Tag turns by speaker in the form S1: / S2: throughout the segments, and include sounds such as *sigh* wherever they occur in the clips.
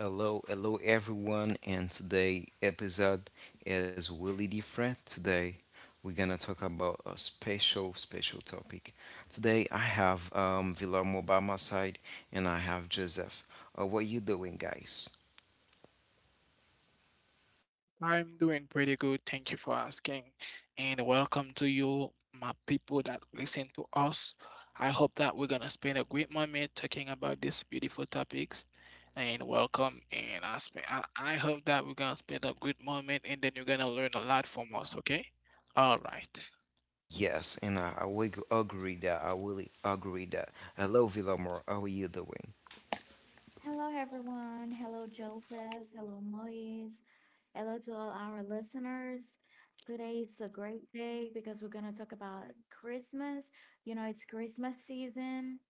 S1: Hello, hello everyone, and today episode is really different. Today we're gonna talk about a special, special topic. Today I have Vilamo by my side, and I have Joseph. What you doing, guys?
S2: I'm doing pretty good. Thank you for asking. And welcome to you, my people that listen to us. I hope that we're gonna spend a great moment talking about these beautiful topics. And welcome. And I hope that we're gonna spend a good moment and then you're gonna learn a lot from us, okay? All right.
S1: Yes, and I will agree that. Hello, Vilamo, how are you doing?
S3: Hello, everyone. Hello, Joseph. Hello, Moise. Hello to all our listeners. Today's a great day because we're going to talk about Christmas. You know, it's Christmas season.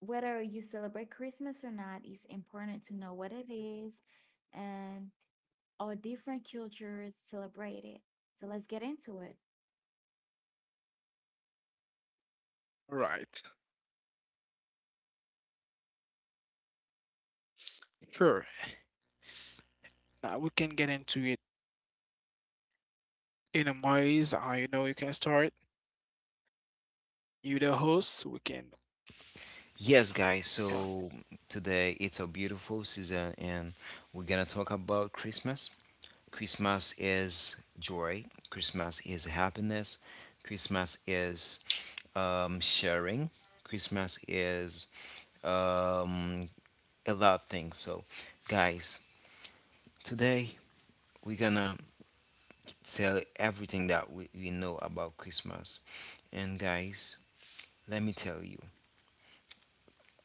S3: Whether you celebrate Christmas or not, it's important to know what it is and all different cultures celebrate it. So let's get into it.
S2: Right. Sure. Now we can get into it in a ways. I know you can start. You the host. We can.
S1: Yes, guys.
S2: Yeah.
S1: So today it's a beautiful season, and we're gonna talk about Christmas. Christmas is joy, Christmas is happiness, Christmas is sharing, Christmas is um, a lot of things. So, guys, today we're gonna tell everything that we know about Christmas. And, guys, let me tell you.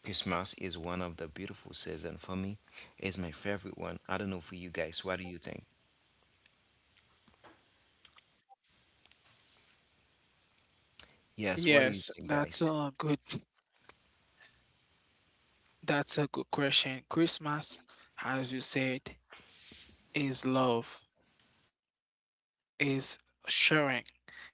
S1: Christmas is one of the beautiful season for me. It's my favorite one. I don't know for you guys. What do you think? Yes, what do you
S2: Yes,
S1: think,
S2: that's
S1: guys?
S2: a good That's a good question. Christmas, as you said, is love, is sharing.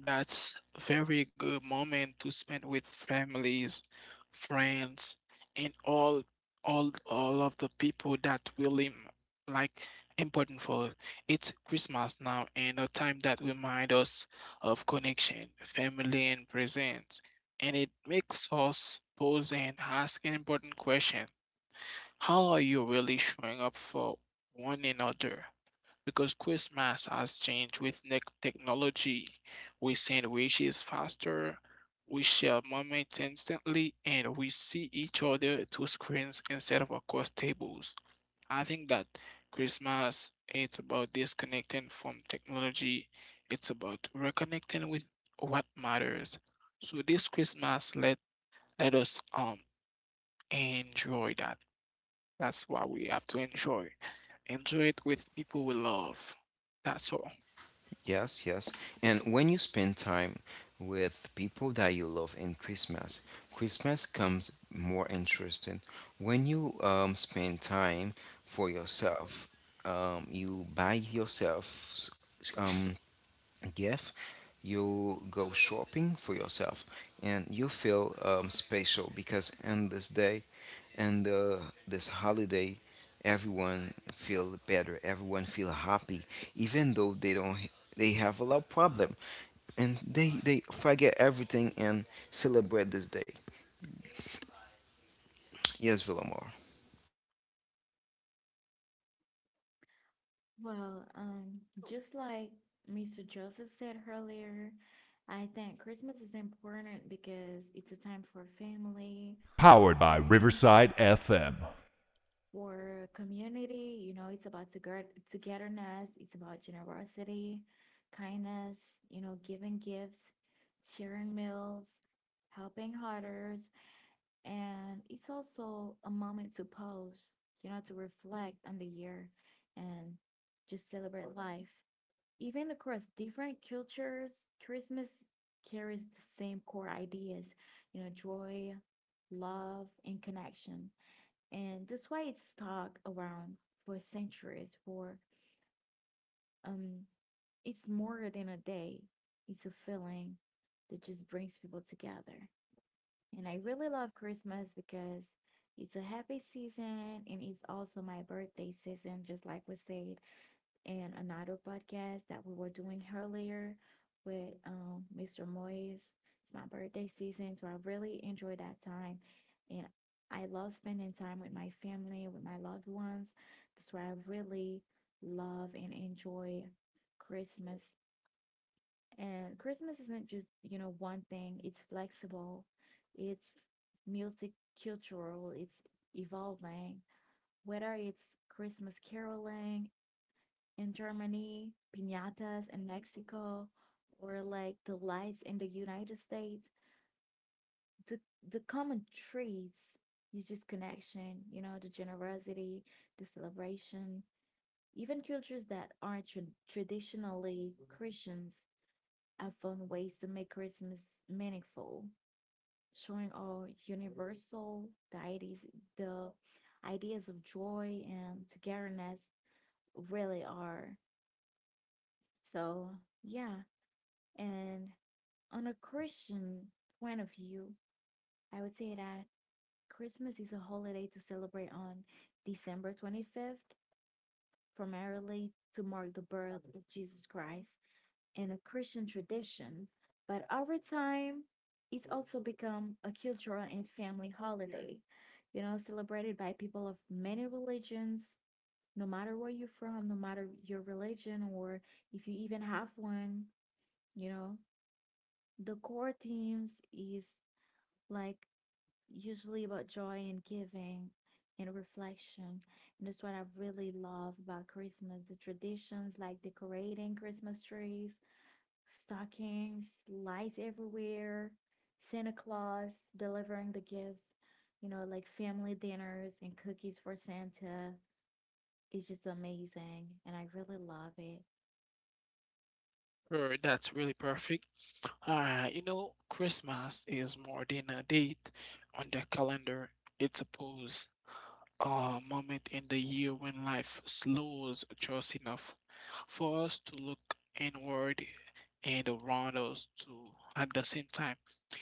S2: That's very good moment to spend with families, friends, and all of the people that really like important for it's Christmas now and a time that remind us of connection, family and presence. And it makes us pause and ask an important question: how are you really showing up for one another? Because Christmas has changed with technology. We send wishes faster, we share moments instantly, and we see each other through screens instead of across tables. I think that Christmas it's about disconnecting from technology. It's about reconnecting with what matters. So this Christmas, let us enjoy that. That's why we have to enjoy. Enjoy it with people we love. That's all.
S1: Yes, yes. And when you spend time with people that you love in Christmas, Christmas comes more interesting. When you spend time for yourself, you buy yourself um, gift, you go shopping for yourself and you feel special because on this day and this holiday everyone feel better, everyone feel happy even though they don't, they have a lot of problem and they forget everything and celebrate this day. Yes, Villamor.
S3: Well, just like Mr. Joseph said earlier, I think Christmas is important because it's a time for family, for friends, for community. You know, it's about togetherness, it's about generosity, kindness, you know, giving gifts, sharing meals, helping others. And it's also a moment to pause, you know, to reflect on the year and just celebrate life. Even across different cultures, Christmas carries the same core ideas, you know, joy, love, and connection. And that's why it's stuck around for centuries. For um, it's more than a day; it's a feeling that just brings people together. And I really love Christmas because it's a happy season and it's also my birthday season, just like we said and another podcast that we were doing earlier with Mr. Moyes. It's my birthday season, so I really enjoyed that time. And I love spending time with my family, with my loved ones. That's why I really love and enjoy Christmas. And Christmas isn't just, you know, one thing, it's flexible, it's multicultural, it's evolving. Whether it's Christmas caroling in Germany, piñatas in Mexico, or like the lights in the United States. The the common traits is just connection, you know, the generosity, the celebration. Even cultures that aren't traditionally Christians have found ways to make Christmas meaningful, showing our universal deities the ideas of joy and togetherness really are. So yeah, and on a Christian point of view, I would say that Christmas is a holiday to celebrate on December 25th, primarily to mark the birth of Jesus Christ in a Christian tradition. But over time, it's also become a cultural and family holiday, you know, celebrated by people of many religions, no matter where you're from, no matter your religion, or if you even have one, you know. The core themes is like usually about joy and giving and reflection. And that's what I really love about Christmas, the traditions like decorating Christmas trees, stockings, lights everywhere, Santa Claus delivering the gifts, you know, like family dinners and cookies for Santa. It's just amazing. And I really love it.
S2: That's really perfect. You know, Christmas is more than a date on the calendar. It's a pause, a moment in the year when life slows just enough for us to look inward and around us too at the same time.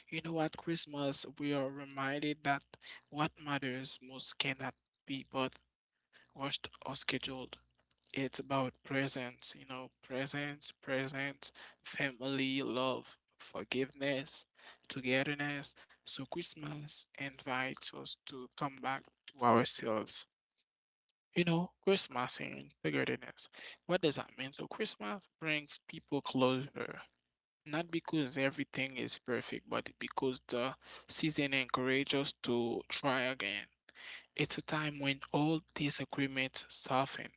S2: You know, at Christmas, we are reminded that what matters most cannot be but rushed or scheduled. It's about presence, you know, presence, presence, family, love, forgiveness, togetherness. So Christmas invites us to come back to ourselves. You know, Christmas and togetherness. What does that mean? So Christmas brings people closer. Not because everything is perfect, but because the season encourages us to try again. It's a time when all disagreements soften.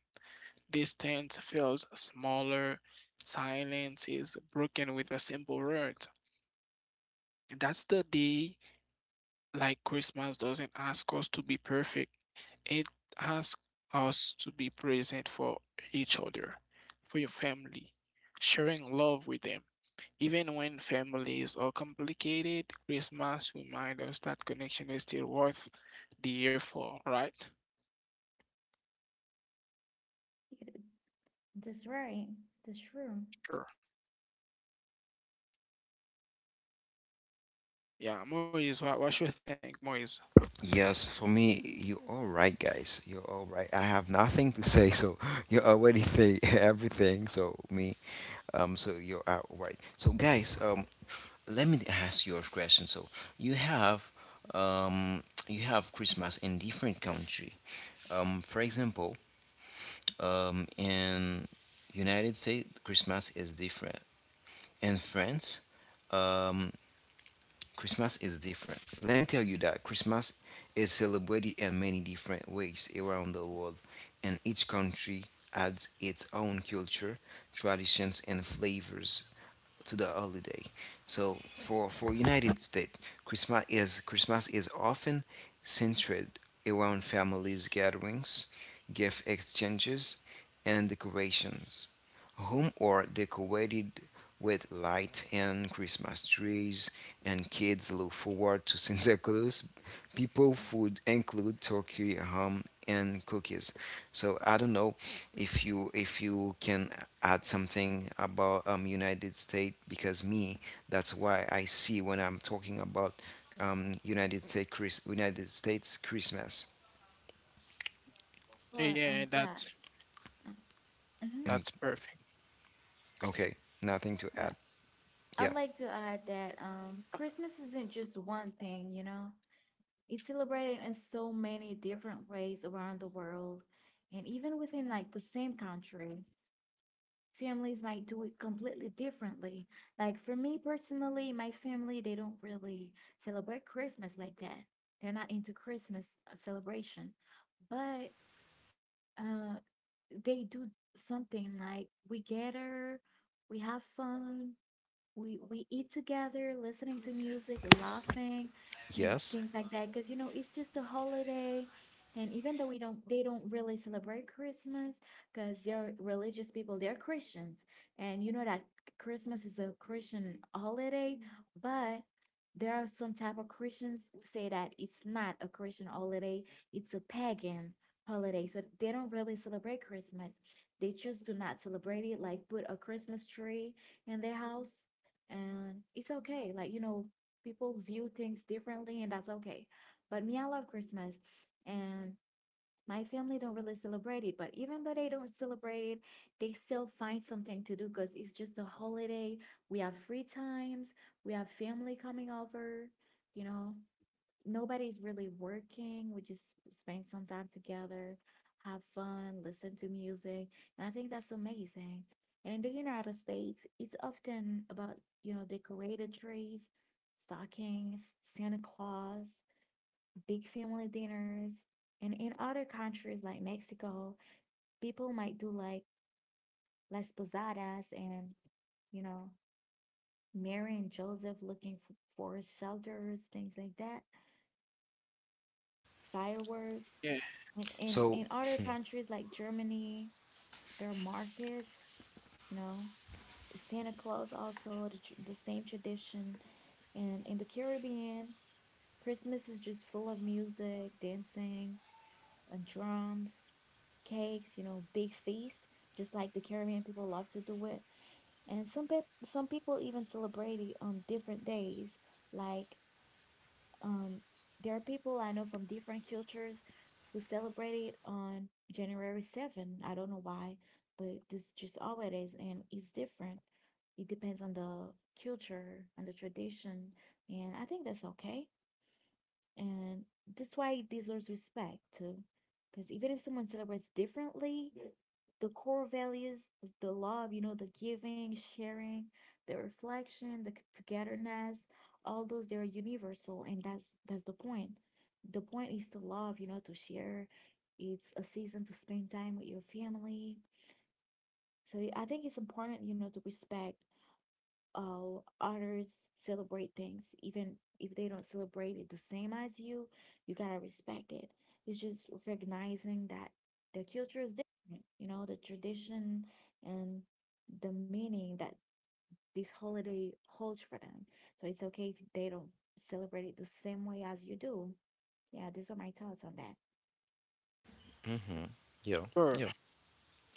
S2: Distance feels smaller. Silence is broken with a simple word. That's the day, like Christmas doesn't ask us to be perfect, it asks us to be present for each other, for your family, sharing love with them. Even when families are complicated, Christmas reminds us that connection is still worth the effort, right?
S3: That's right. That's true.
S2: Sure. Yeah, Moise, what you think, Moise?
S1: Yes, for me, you're all right, guys. You're all right. I have nothing to say, so *laughs* *gasps* you already say *laughs* everything. So me, so you're all right. So guys, let me ask you a question. So you have, you have Christmas in different country. For example, in United States, Christmas is different. In France, um, Christmas is different. Let me tell you that Christmas is celebrated in many different ways around the world, and each country adds its own culture, traditions, and flavors to the holiday. So for United States, Christmas is often centered around families gatherings, gift exchanges, and decorations. Home are decorated with light and Christmas trees, and kids look forward to *laughs* Santa Claus. People food include turkey, ham, and cookies. So I don't know if you can add something about United States because me that's why I see when I'm talking about United States Christmas
S3: Well,
S2: Yeah,
S3: yeah.
S2: that's
S3: Uh, mhm.
S1: and
S2: that's perfect.
S1: okay, nothing to
S3: Well,
S1: add.
S3: I'd
S1: Yeah,
S3: like to add that Christmas isn't just one thing, you know? It's celebrated in so many different ways around the world. And even within like the same country, families might do it completely differently. Like for me personally, my family, they don't really celebrate Christmas like that. They're not into Christmas celebration. But uh, they do something like, we gather, we have fun, we eat together, listening to music, laughing, and
S1: yes,
S3: things like that. Because, you know, it's just a holiday, and even though we don't, they don't really celebrate Christmas because they're religious people, they're Christians, and you know that Christmas is a Christian holiday, but there are some type of Christians who say that it's not a Christian holiday, it's a pagan holiday. So they don't really celebrate Christmas. They just do not celebrate it, like put a Christmas tree in their house. And it's okay, like, you know, people view things differently, and that's okay. But me, I love Christmas. And my family don't really celebrate it, but even though they don't celebrate it, they still find something to do because it's just a holiday. We have free times, we have family coming over, you know, nobody's really working. We just spend some time together, have fun, listen to music. And I think that's amazing. And in the United States, it's often about, you know, decorated trees, stockings, Santa Claus, big family dinners. And in other countries like Mexico, people might do like Las Posadas and, you know, Mary and Joseph looking for shelters, things like that. Fireworks.
S2: Yeah.
S3: And in,
S1: so
S3: in other countries like Germany, there are markets, you know, Santa Claus also, the same tradition. And in the Caribbean, Christmas is just full of music, dancing, and drums, cakes, you know, big feast, just like the Caribbean people love to do it. And some people even celebrate it on different days, like, Um, there are people I know from different cultures who celebrate it on January 7th. I don't know why, but this just all it is, and it's different. It depends on the culture, on the tradition, and I think that's okay. And that's why it deserves respect too. Because even if someone celebrates differently, the core values, the love, you know, the giving, sharing, the reflection, the togetherness, all those they are universal, and that's the point. The point is to love, you know, to share. It's a season to spend time with your family. So I think it's important, you know, to respect honors, celebrate things, even if they don't celebrate it the same as you. You gotta respect it. It's just recognizing that the culture is different. You know, the tradition and the meaning that this holiday holds for them. So it's okay if they don't celebrate it the same way as you do. Yeah, these are my thoughts on that.
S1: mm-hmm. Yeah,
S2: Sure.
S1: yeah,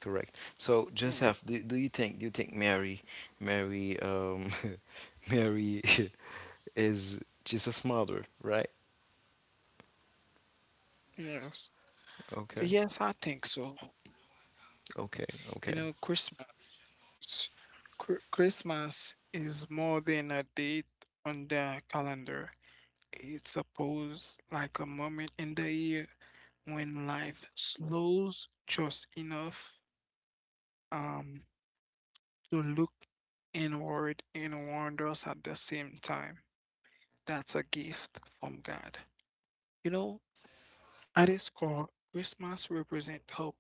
S1: correct. So
S2: Yeah.
S1: Joseph, do you think, do you think Mary, *laughs* Mary *laughs* is Jesus mother, right?
S2: Yes.
S1: Okay.
S2: Yes, I think so.
S1: Okay.
S2: You know,
S1: Okay.
S2: Christmas is more than a date on the calendar. It's a pause, like a moment in the year when life slows just enough um to look inward and wonders at the same time. That's a gift from God. You know, at its core, Christmas represents hope.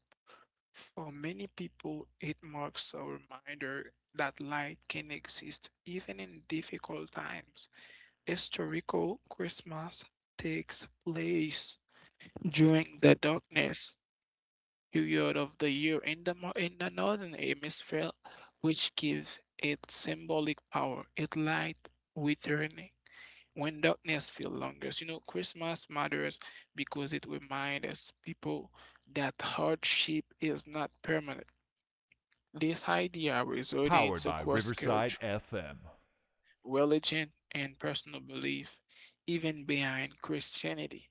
S2: For many people, it marks a reminder that light can exist even in difficult times. Historical Christmas takes place during the darkness period of the year in the northern hemisphere, which gives it symbolic power, its light returning. When darkness feels longest, you know, Christmas matters because it reminds us people that hardship is not permanent. This idea resonates across culture, religion, and personal belief, even behind Christianity.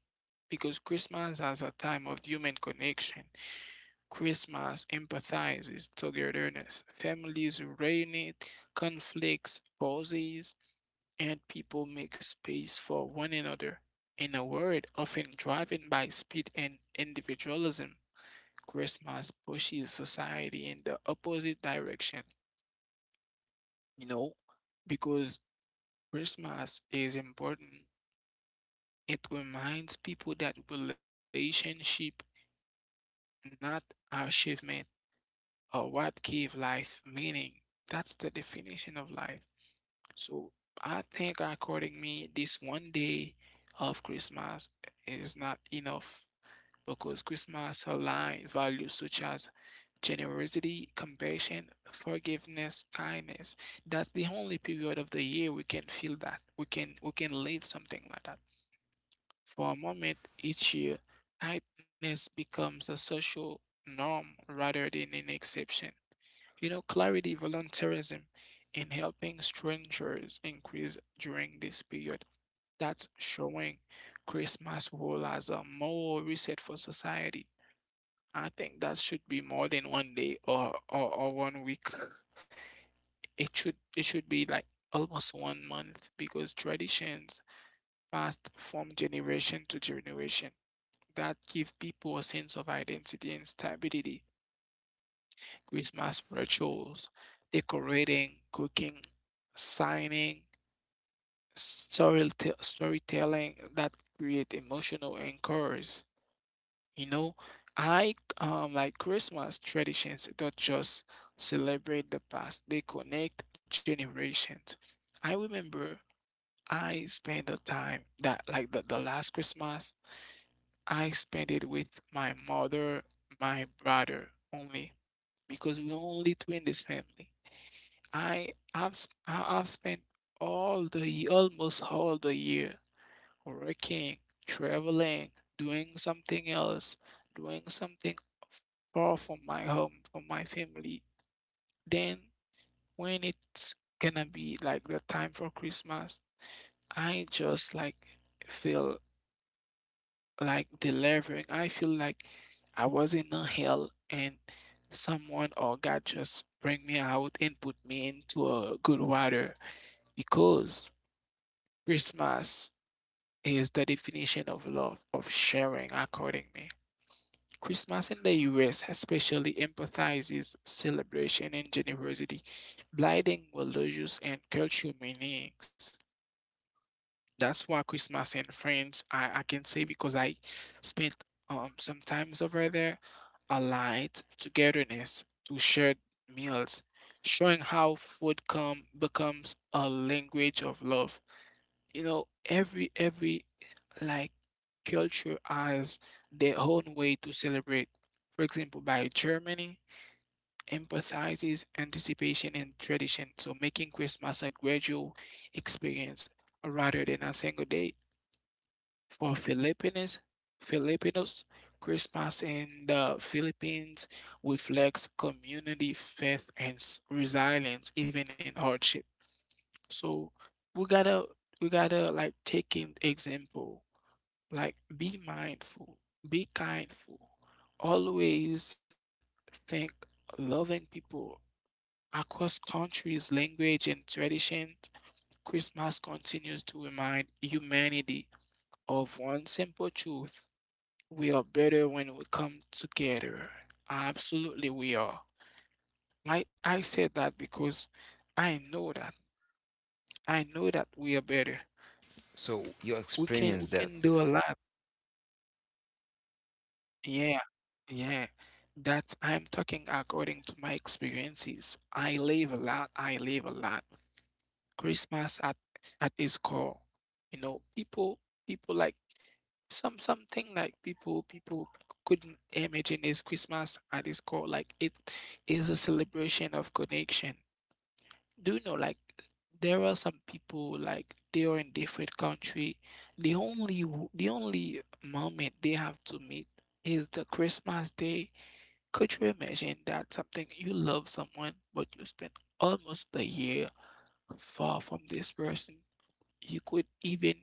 S2: Because Christmas has a time of human connection. Christmas empathizes togetherness. Families reunite, conflicts pauses, and people make space for one another. In a world often driven by speed and individualism, Christmas pushes society in the opposite direction. You know, because Christmas is important, it reminds people that relationship, not achievement, or what give life meaning. That's the definition of life. So I think according me, this one day of Christmas is not enough, because Christmas aligns values such as generosity, compassion, forgiveness, kindness. That's the only period of the year we can feel that. We can live something like that. For a moment each year, kindness becomes a social norm rather than an exception. You know, clarity, volunteerism, and helping strangers increase during this period. That's showing Christmas role as a moral reset for society. I think that should be more than one day or one week. It should be like almost one month, because traditions passed from generation to generation that give people a sense of identity and stability. Christmas rituals, decorating, cooking, signing, story storytelling that create emotional anchors. You know, I like Christmas traditions don't just celebrate the past, they connect generations. I remember I spent the time that like the last Christmas, I spent it with my mother, my brother only, because we only two in this family. I have spent almost all the year working, traveling, doing something else, doing something far from my home, from my family. Then when it's gonna be like the time for Christmas, I just like feel like delivering. I feel like I was in a hell and someone or God just bring me out and put me into a good water, because Christmas is the definition of love, of sharing according me. Christmas in the US especially emphasizes celebration and generosity, blending religious and cultural meanings. That's why Christmas in France, I can say because I spent sometimes over there, a light togetherness to shared meals, showing how food come becomes a language of love. You know, every like culture as their own way to celebrate. For example, by Germany emphasizes anticipation and tradition, so making Christmas a gradual experience rather than a single day. For Filipinos, Christmas in the Philippines reflects community, faith, and resilience even in hardship. So we gotta we gotta like take an example like be mindful, be kindful, always think loving people across countries, language, and traditions. Christmas continues to remind humanity of one simple truth. We are better when we come together. Absolutely, we are. I said that because I know that. I know that we are better.
S1: So you
S2: We can we
S1: experience that.
S2: can do a lot. Yeah, yeah. That's I'm talking according to my experiences. I live a lot. I live a lot. Christmas at its core, you know, people like some something like people couldn't imagine is Christmas at its core. Like it is a celebration of connection. Do you know, like, there are some people like they are in different country. The only moment they have to meet is the Christmas day. Could you imagine that something you love someone, but you spend almost a year far from this person? You could even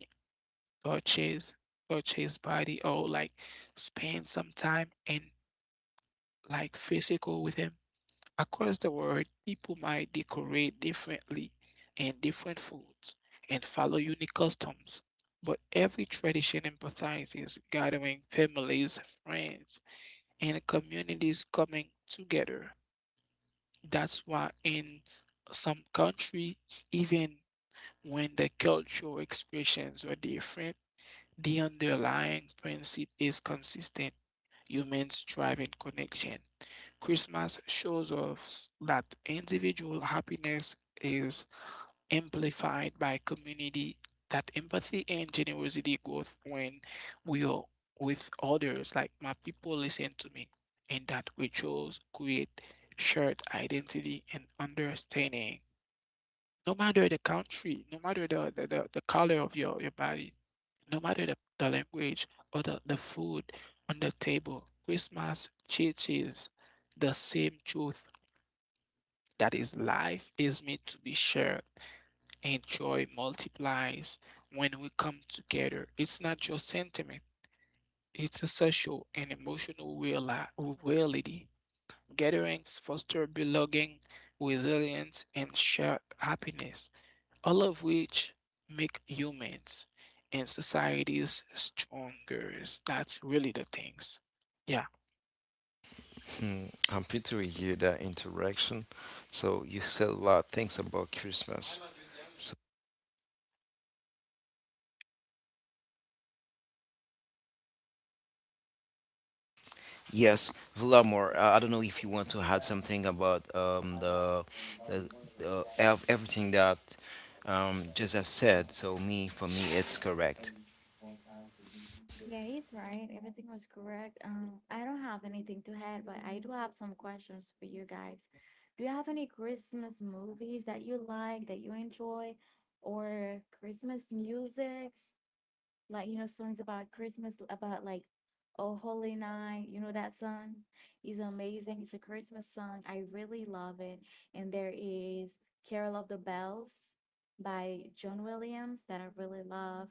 S2: purchase purchase body or like spend some time in like physical with him. Across the world, people might decorate differently and different foods and follow unique customs, but every tradition empathizes gathering families, friends, and communities coming together. That's why in some countries, even when the cultural expressions are different, the underlying principle is consistent. Humans thrive in connection. Christmas shows us that individual happiness is amplified by community, that empathy and generosity growth when we are with others, like my people listen to me, and that rituals create shared identity and understanding. No matter the country, no matter the color of your body, no matter the language or the food on the table, Christmas teaches the same truth that is life is meant to be shared and joy multiplies when we come together. It's not just sentiment, it's a social and emotional reality. Gatherings foster belonging, resilience, and shared happiness, all of which make humans and societies stronger. That's really the things. Yeah.
S1: Mm, I'm picturing you that interaction. So you said a lot of things about Christmas. So yes, Vladimir, I don't know if you want to add something about the everything that Joseph said. So me, for me, it's correct.
S3: Yeah, he's right. Everything was correct. I don't have anything to add, but I do have some questions for you guys. Do you have any Christmas movies that you like, that you enjoy, or Christmas musics? Like, you know, songs about Christmas, about like, Oh Holy Night, you know that song? It's amazing. It's a Christmas song. I really love it. And there is Carol of the Bells by John Williams that I really love.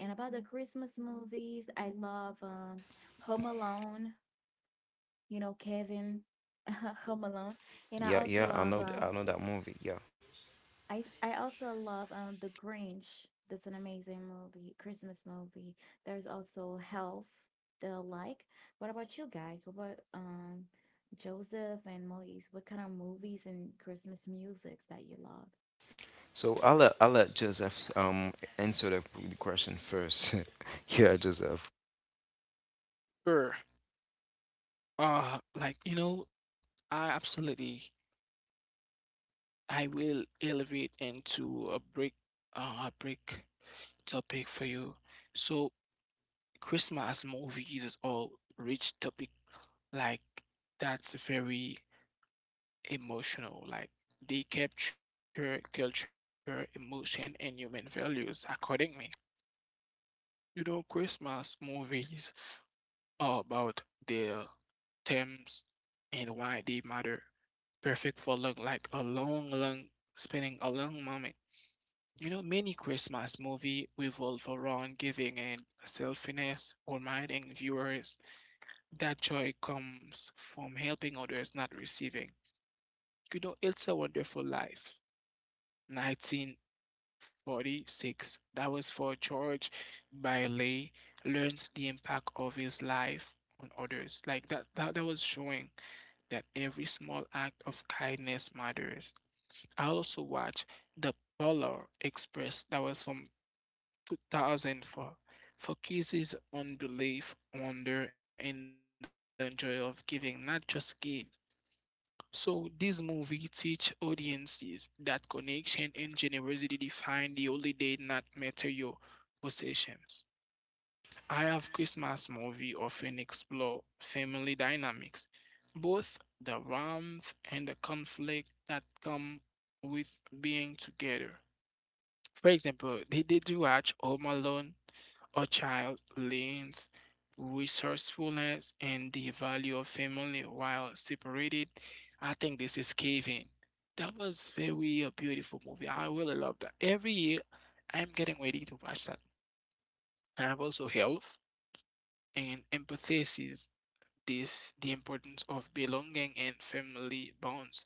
S3: And about the Christmas movies, I love Home Alone. You know, Kevin, *laughs* Home Alone, and I
S1: Yeah,
S3: also
S1: yeah, I
S3: love
S1: know, I
S3: um,
S1: know that movie. Yeah.
S3: I I also love The Grinch. That's an amazing movie, Christmas movie. There's also Health that I like. What about you guys? What about Joseph and Moise? What kind of movies and Christmas musics that you love?
S1: So I'll let Joseph answer the question first. *laughs* Yeah, Joseph.
S2: Er, like, you know, I absolutely I will elevate into a break topic for you. So Christmas movies is all rich topic like that's very emotional. Like they capture culture, emotion, and human values accordingly. You know, Christmas movies are about their themes and why they matter. Perfect for long, like a long, long spending a long moment. You know, many Christmas movies revolve around giving and selflessness, reminding viewers that joy comes from helping others, not receiving. You know, It's a Wonderful Life, 1946. That was for George Bailey, learns the impact of his life on others. Like that was showing that every small act of kindness matters. I also watched The Polar Express, that was from 2004, focuses on belief, wonder, and the joy of giving, not just give. So this movie teach audiences that connection and generosity define the holiday, not material possessions. I have Christmas movie often explore family dynamics, both the warmth and the conflict that come with being together. For example, they do watch Home Alone or Child learns resourcefulness and the value of family while separated. I think this is caving. That was very a beautiful movie. I really love that. Every year, I'm getting ready to watch that. I have also health and empathy this the importance of belonging and family bonds.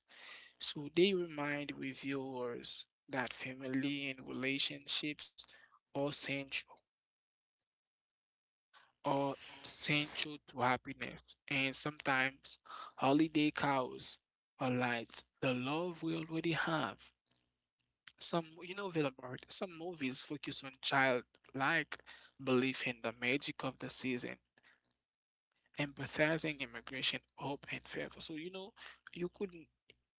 S2: So they remind reviewers that family and relationships are central, are central to happiness, and sometimes holiday cows are like the love we already have. Some, you know, Villemart, some movies focus on childlike belief in the magic of the season, empathizing immigration, hope, and favor. So, you know, you could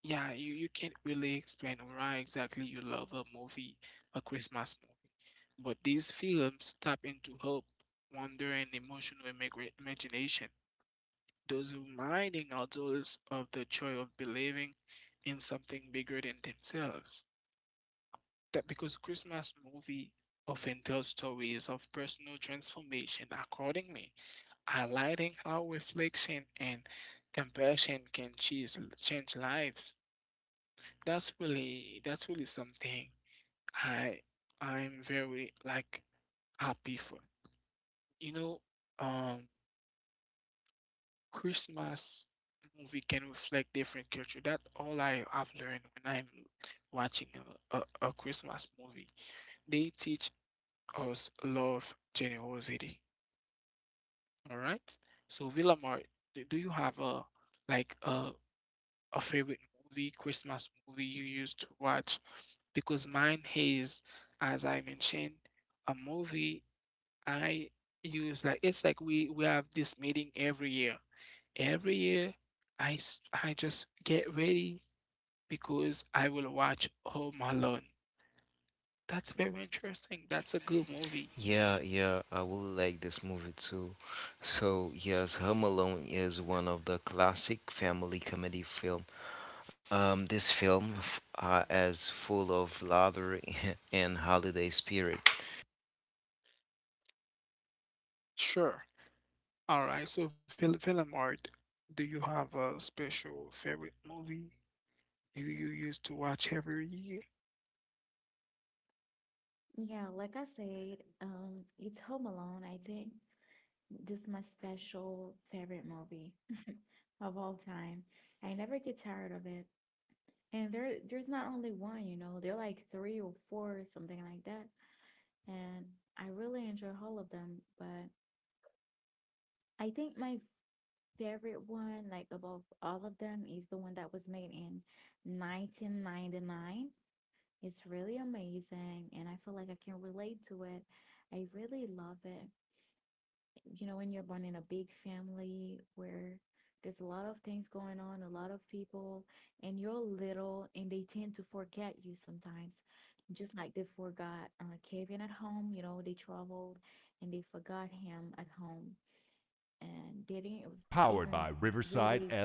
S2: Yeah, you can't really explain why exactly you love a movie, a Christmas movie. But these films tap into hope, wonder, and emotional imagination, those reminding adults of the joy of believing in something bigger than themselves. That because Christmas movie often tell stories of personal transformation accordingly, highlighting how reflection and compassion can change lives. That's really something I I'm very like happy for. You know, um Christmas movie can reflect different culture. That's all I have learned when I'm watching a Christmas movie. They teach us love, generosity. All right. So Villamar, do you have a like a favorite movie, Christmas movie you used to watch? Because mine is, as I mentioned, a movie I use like it's like we have this meeting every year. Every year, I just get ready because I will watch Home Alone. That's very interesting. That's a good movie.
S1: Yeah, yeah, I will like this movie too. So, yes, Home Alone is one of the classic family comedy film. This film is full of laughter *laughs* and holiday spirit.
S2: Sure. All right. So, Villemard, do you have a special favorite movie you used to watch every year?
S3: Yeah, like I said, it's Home Alone, I think. This is my special favorite movie *laughs* of all time. I never get tired of it. And there's not only one, you know, they're like three or four or something like that. And I really enjoy all of them, but I think my favorite one, like above all of them, is the one that was made in 1999. It's really amazing, and I feel like I can relate to it. I really love it. You know, when you're born in a big family where there's a lot of things going on, a lot of people, and you're little and they tend to forget you sometimes. Just like they forgot Kevin at home, you know, they traveled and they forgot him at home, and they didn't even really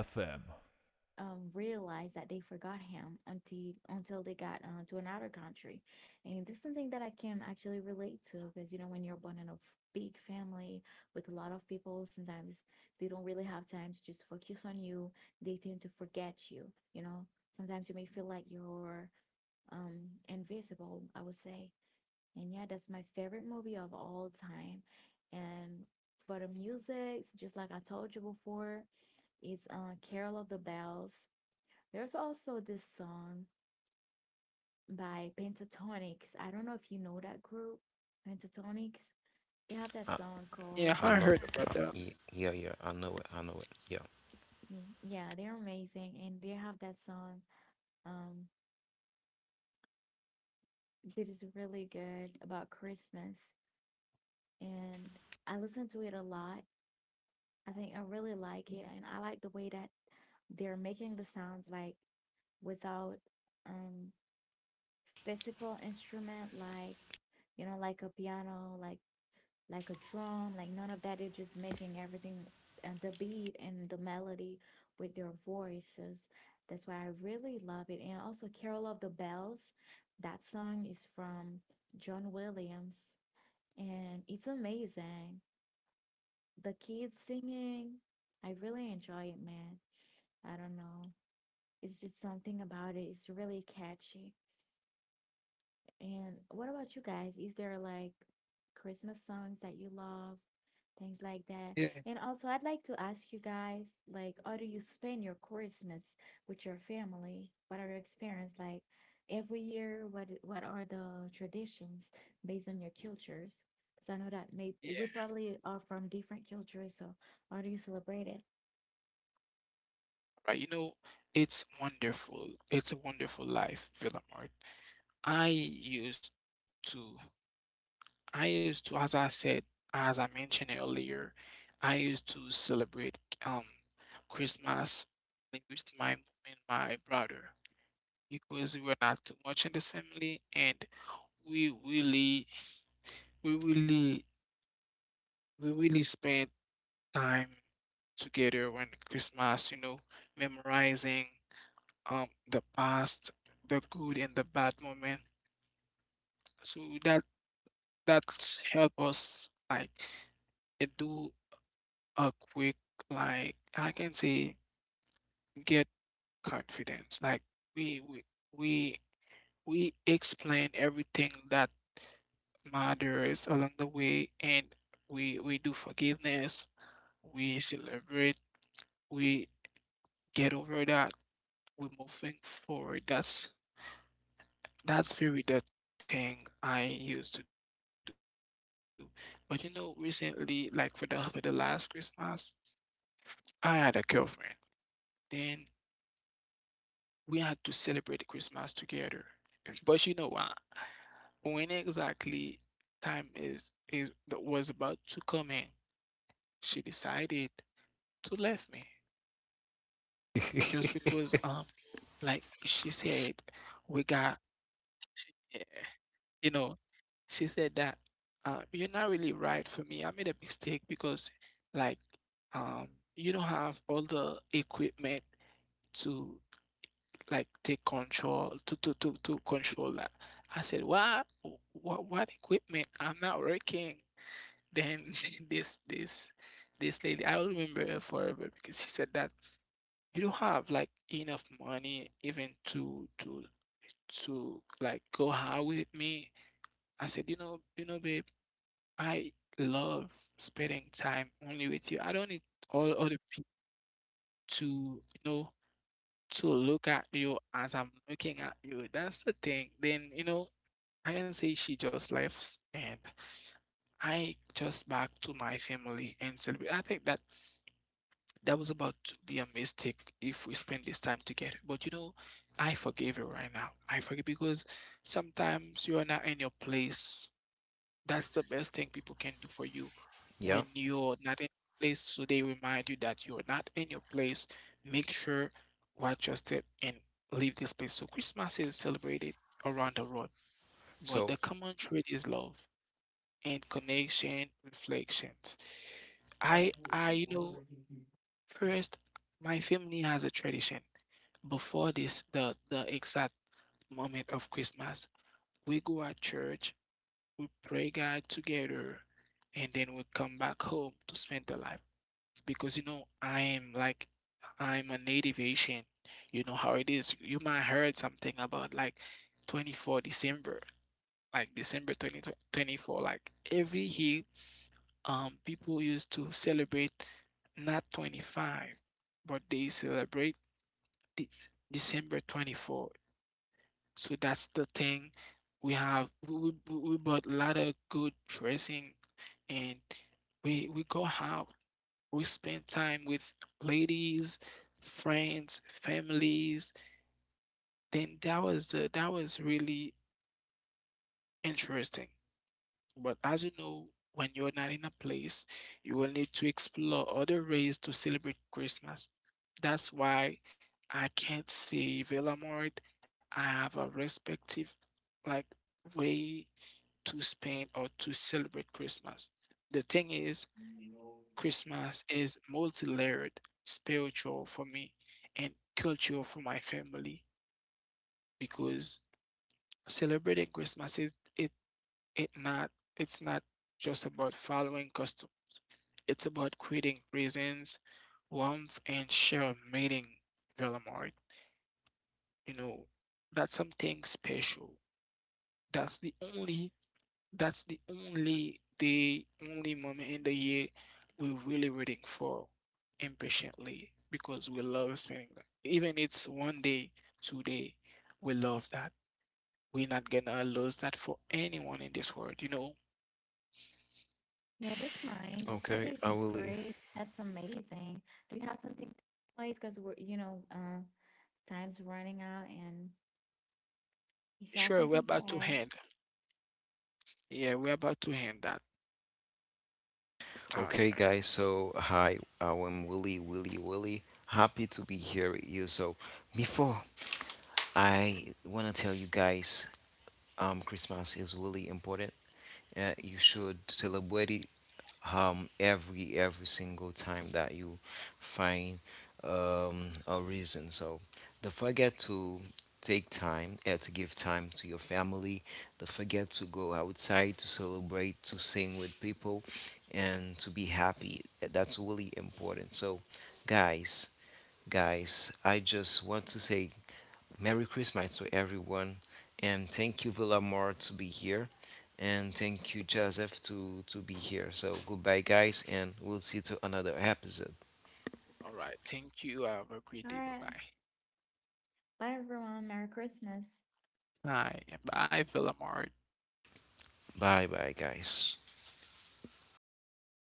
S3: realized that they forgot him until they got to another country. And this is something that I can actually relate to, because, you know, when you're born in a big family with a lot of people, sometimes they don't really have time to just focus on you. They tend to forget you, you know. Sometimes you may feel like you're um invisible, I would say. And yeah, that's my favorite movie of all time. And for the music, just like I told you before, it's Carol of the Bells. There's also this song by Pentatonics. I don't know if you know that group, Pentatonics. They have that
S1: I,
S2: Yeah,
S3: song
S2: I heard
S3: called...
S1: I
S2: about
S1: know,
S2: that.
S1: yeah, yeah, I know it,
S3: Yeah, they're amazing, and they have that song um that is really good about Christmas. And I listen to it a lot. I think I really like it, and I like the way that they're making the sounds like without um physical instrument, like, you know, like a piano, like a drum, like none of that. They're just making everything, and the beat and the melody with their voices. That's why I really love it. And also Carol of the Bells, that song is from John Williams, and it's amazing. The kids singing, I really enjoy it, man. I don't know. It's just something about it. It's really catchy. And what about you guys? Is there like Christmas songs that you love? Things like that.
S2: Yeah,
S3: And also, I'd like to ask you guys, like, how do you spend your Christmas with your family? What are your experience like every year? What are the traditions based on your cultures? Because I know that maybe we
S2: yeah.
S3: probably are from different cultures, so how do you celebrate it?
S2: Right. You know, it's wonderful. It's a wonderful life, Villamart. I used to, I used to, as I said, as I mentioned earlier, I used to celebrate um Christmas with my mom and my brother because we were not too much in this family, and we really, we really, we really spent time together when Christmas, you know, memorizing the past, the good and the bad moment. So that's help us like do a quick, like, I can say, get confidence. Like we we we we explain everything that matters along the way and we do forgiveness, we celebrate, we get over that, we're moving forward. That's very the thing I used to do. But you know, recently, like for the last Christmas, I had a girlfriend. Then we had to celebrate Christmas together. But you know what? When exactly time is, that was about to come in, she decided to leave me just
S1: yeah.
S2: because like she said we got eh, you know. She said that, "You're not really right for me. I made a mistake because, like, um, you don't have all the equipment to like take control to control that." I said, "What? What? What equipment? I'm not working." Then *laughs* this this this lady, I will remember her forever because she said that you don't have like enough money even to like go out with me. I said, you know, babe. I love spending time only with you. I don't need all other people to, you know, to look at you as I'm looking at you. That's the thing. Then, you know, I can say she just left and I just back to my family and celebrate. I think that was about to be a mistake if we spend this time together. But you know, I forgive you right now. I forgive because sometimes you are not in your place. That's the best thing people can do for you
S1: *laughs* Yeah.
S2: when you're not in place. So they remind you that you're not in your place. Make sure watch your step and leave this place. So Christmas is celebrated around the world, but the
S1: So,
S2: common thread is love and connection, reflections. I you know, first my family has a tradition. Before this, the exact moment of Christmas, we go at church, we pray God together, and then we come back home to spend the life. Because you know, I'm a native Asian. You know how it is. You might heard something about like 24 December, like December 2024. Like every year, people used to celebrate not 25, but they celebrate the December 24. So that's the thing. We have we bought a lot of good dressing and we go out, we spend time with ladies, friends, families. Then that was really interesting. But as you know, when you're not in a place, you will need to explore other ways to celebrate Christmas. That's why I can't say Velamort. I have a respective like way to spend or to celebrate Christmas. The thing is, Christmas is multi-layered, spiritual for me and cultural for my family because celebrating Christmas is it not it's not just about following custom. It's about creating presents, warmth and share meeting, Villamart. You know, that's something special. That's the only That's the only moment in the year we're really waiting for impatiently because we love spending that. Even it's one day, two day, we love that. We're not gonna lose that for anyone in this world, you know.
S3: Yeah, that's nice. I
S1: okay,
S3: think
S1: I
S3: that's
S1: Willie.
S3: great. That's amazing. Do you have something to play? Because we're, you know, time's running out, and if you have
S2: Sure, we're
S3: something to
S2: about to
S3: add.
S2: end. Yeah, we're about to end that. All
S1: Okay,
S2: right.
S1: guys. So, hi, I am Willie. Happy to be here with you. So, before I want to tell you guys, Christmas is really important. You should celebrate it every single time that you find a reason. So don't forget to take time to give time to your family. Don't forget to go outside to celebrate, to sing with people, and to be happy. That's really important. So, guys, guys, I just want to say Merry Christmas to everyone, and thank you Villamar to be here, and thank you Joseph to be here. So goodbye, guys, and we'll see you to another episode.
S2: All right. Thank you. Have a
S3: All
S2: great day.
S3: right.
S2: Bye
S3: Bye, everyone. Merry Christmas.
S2: bye. Bye. Bye, Villamart.
S1: Bye, bye, guys.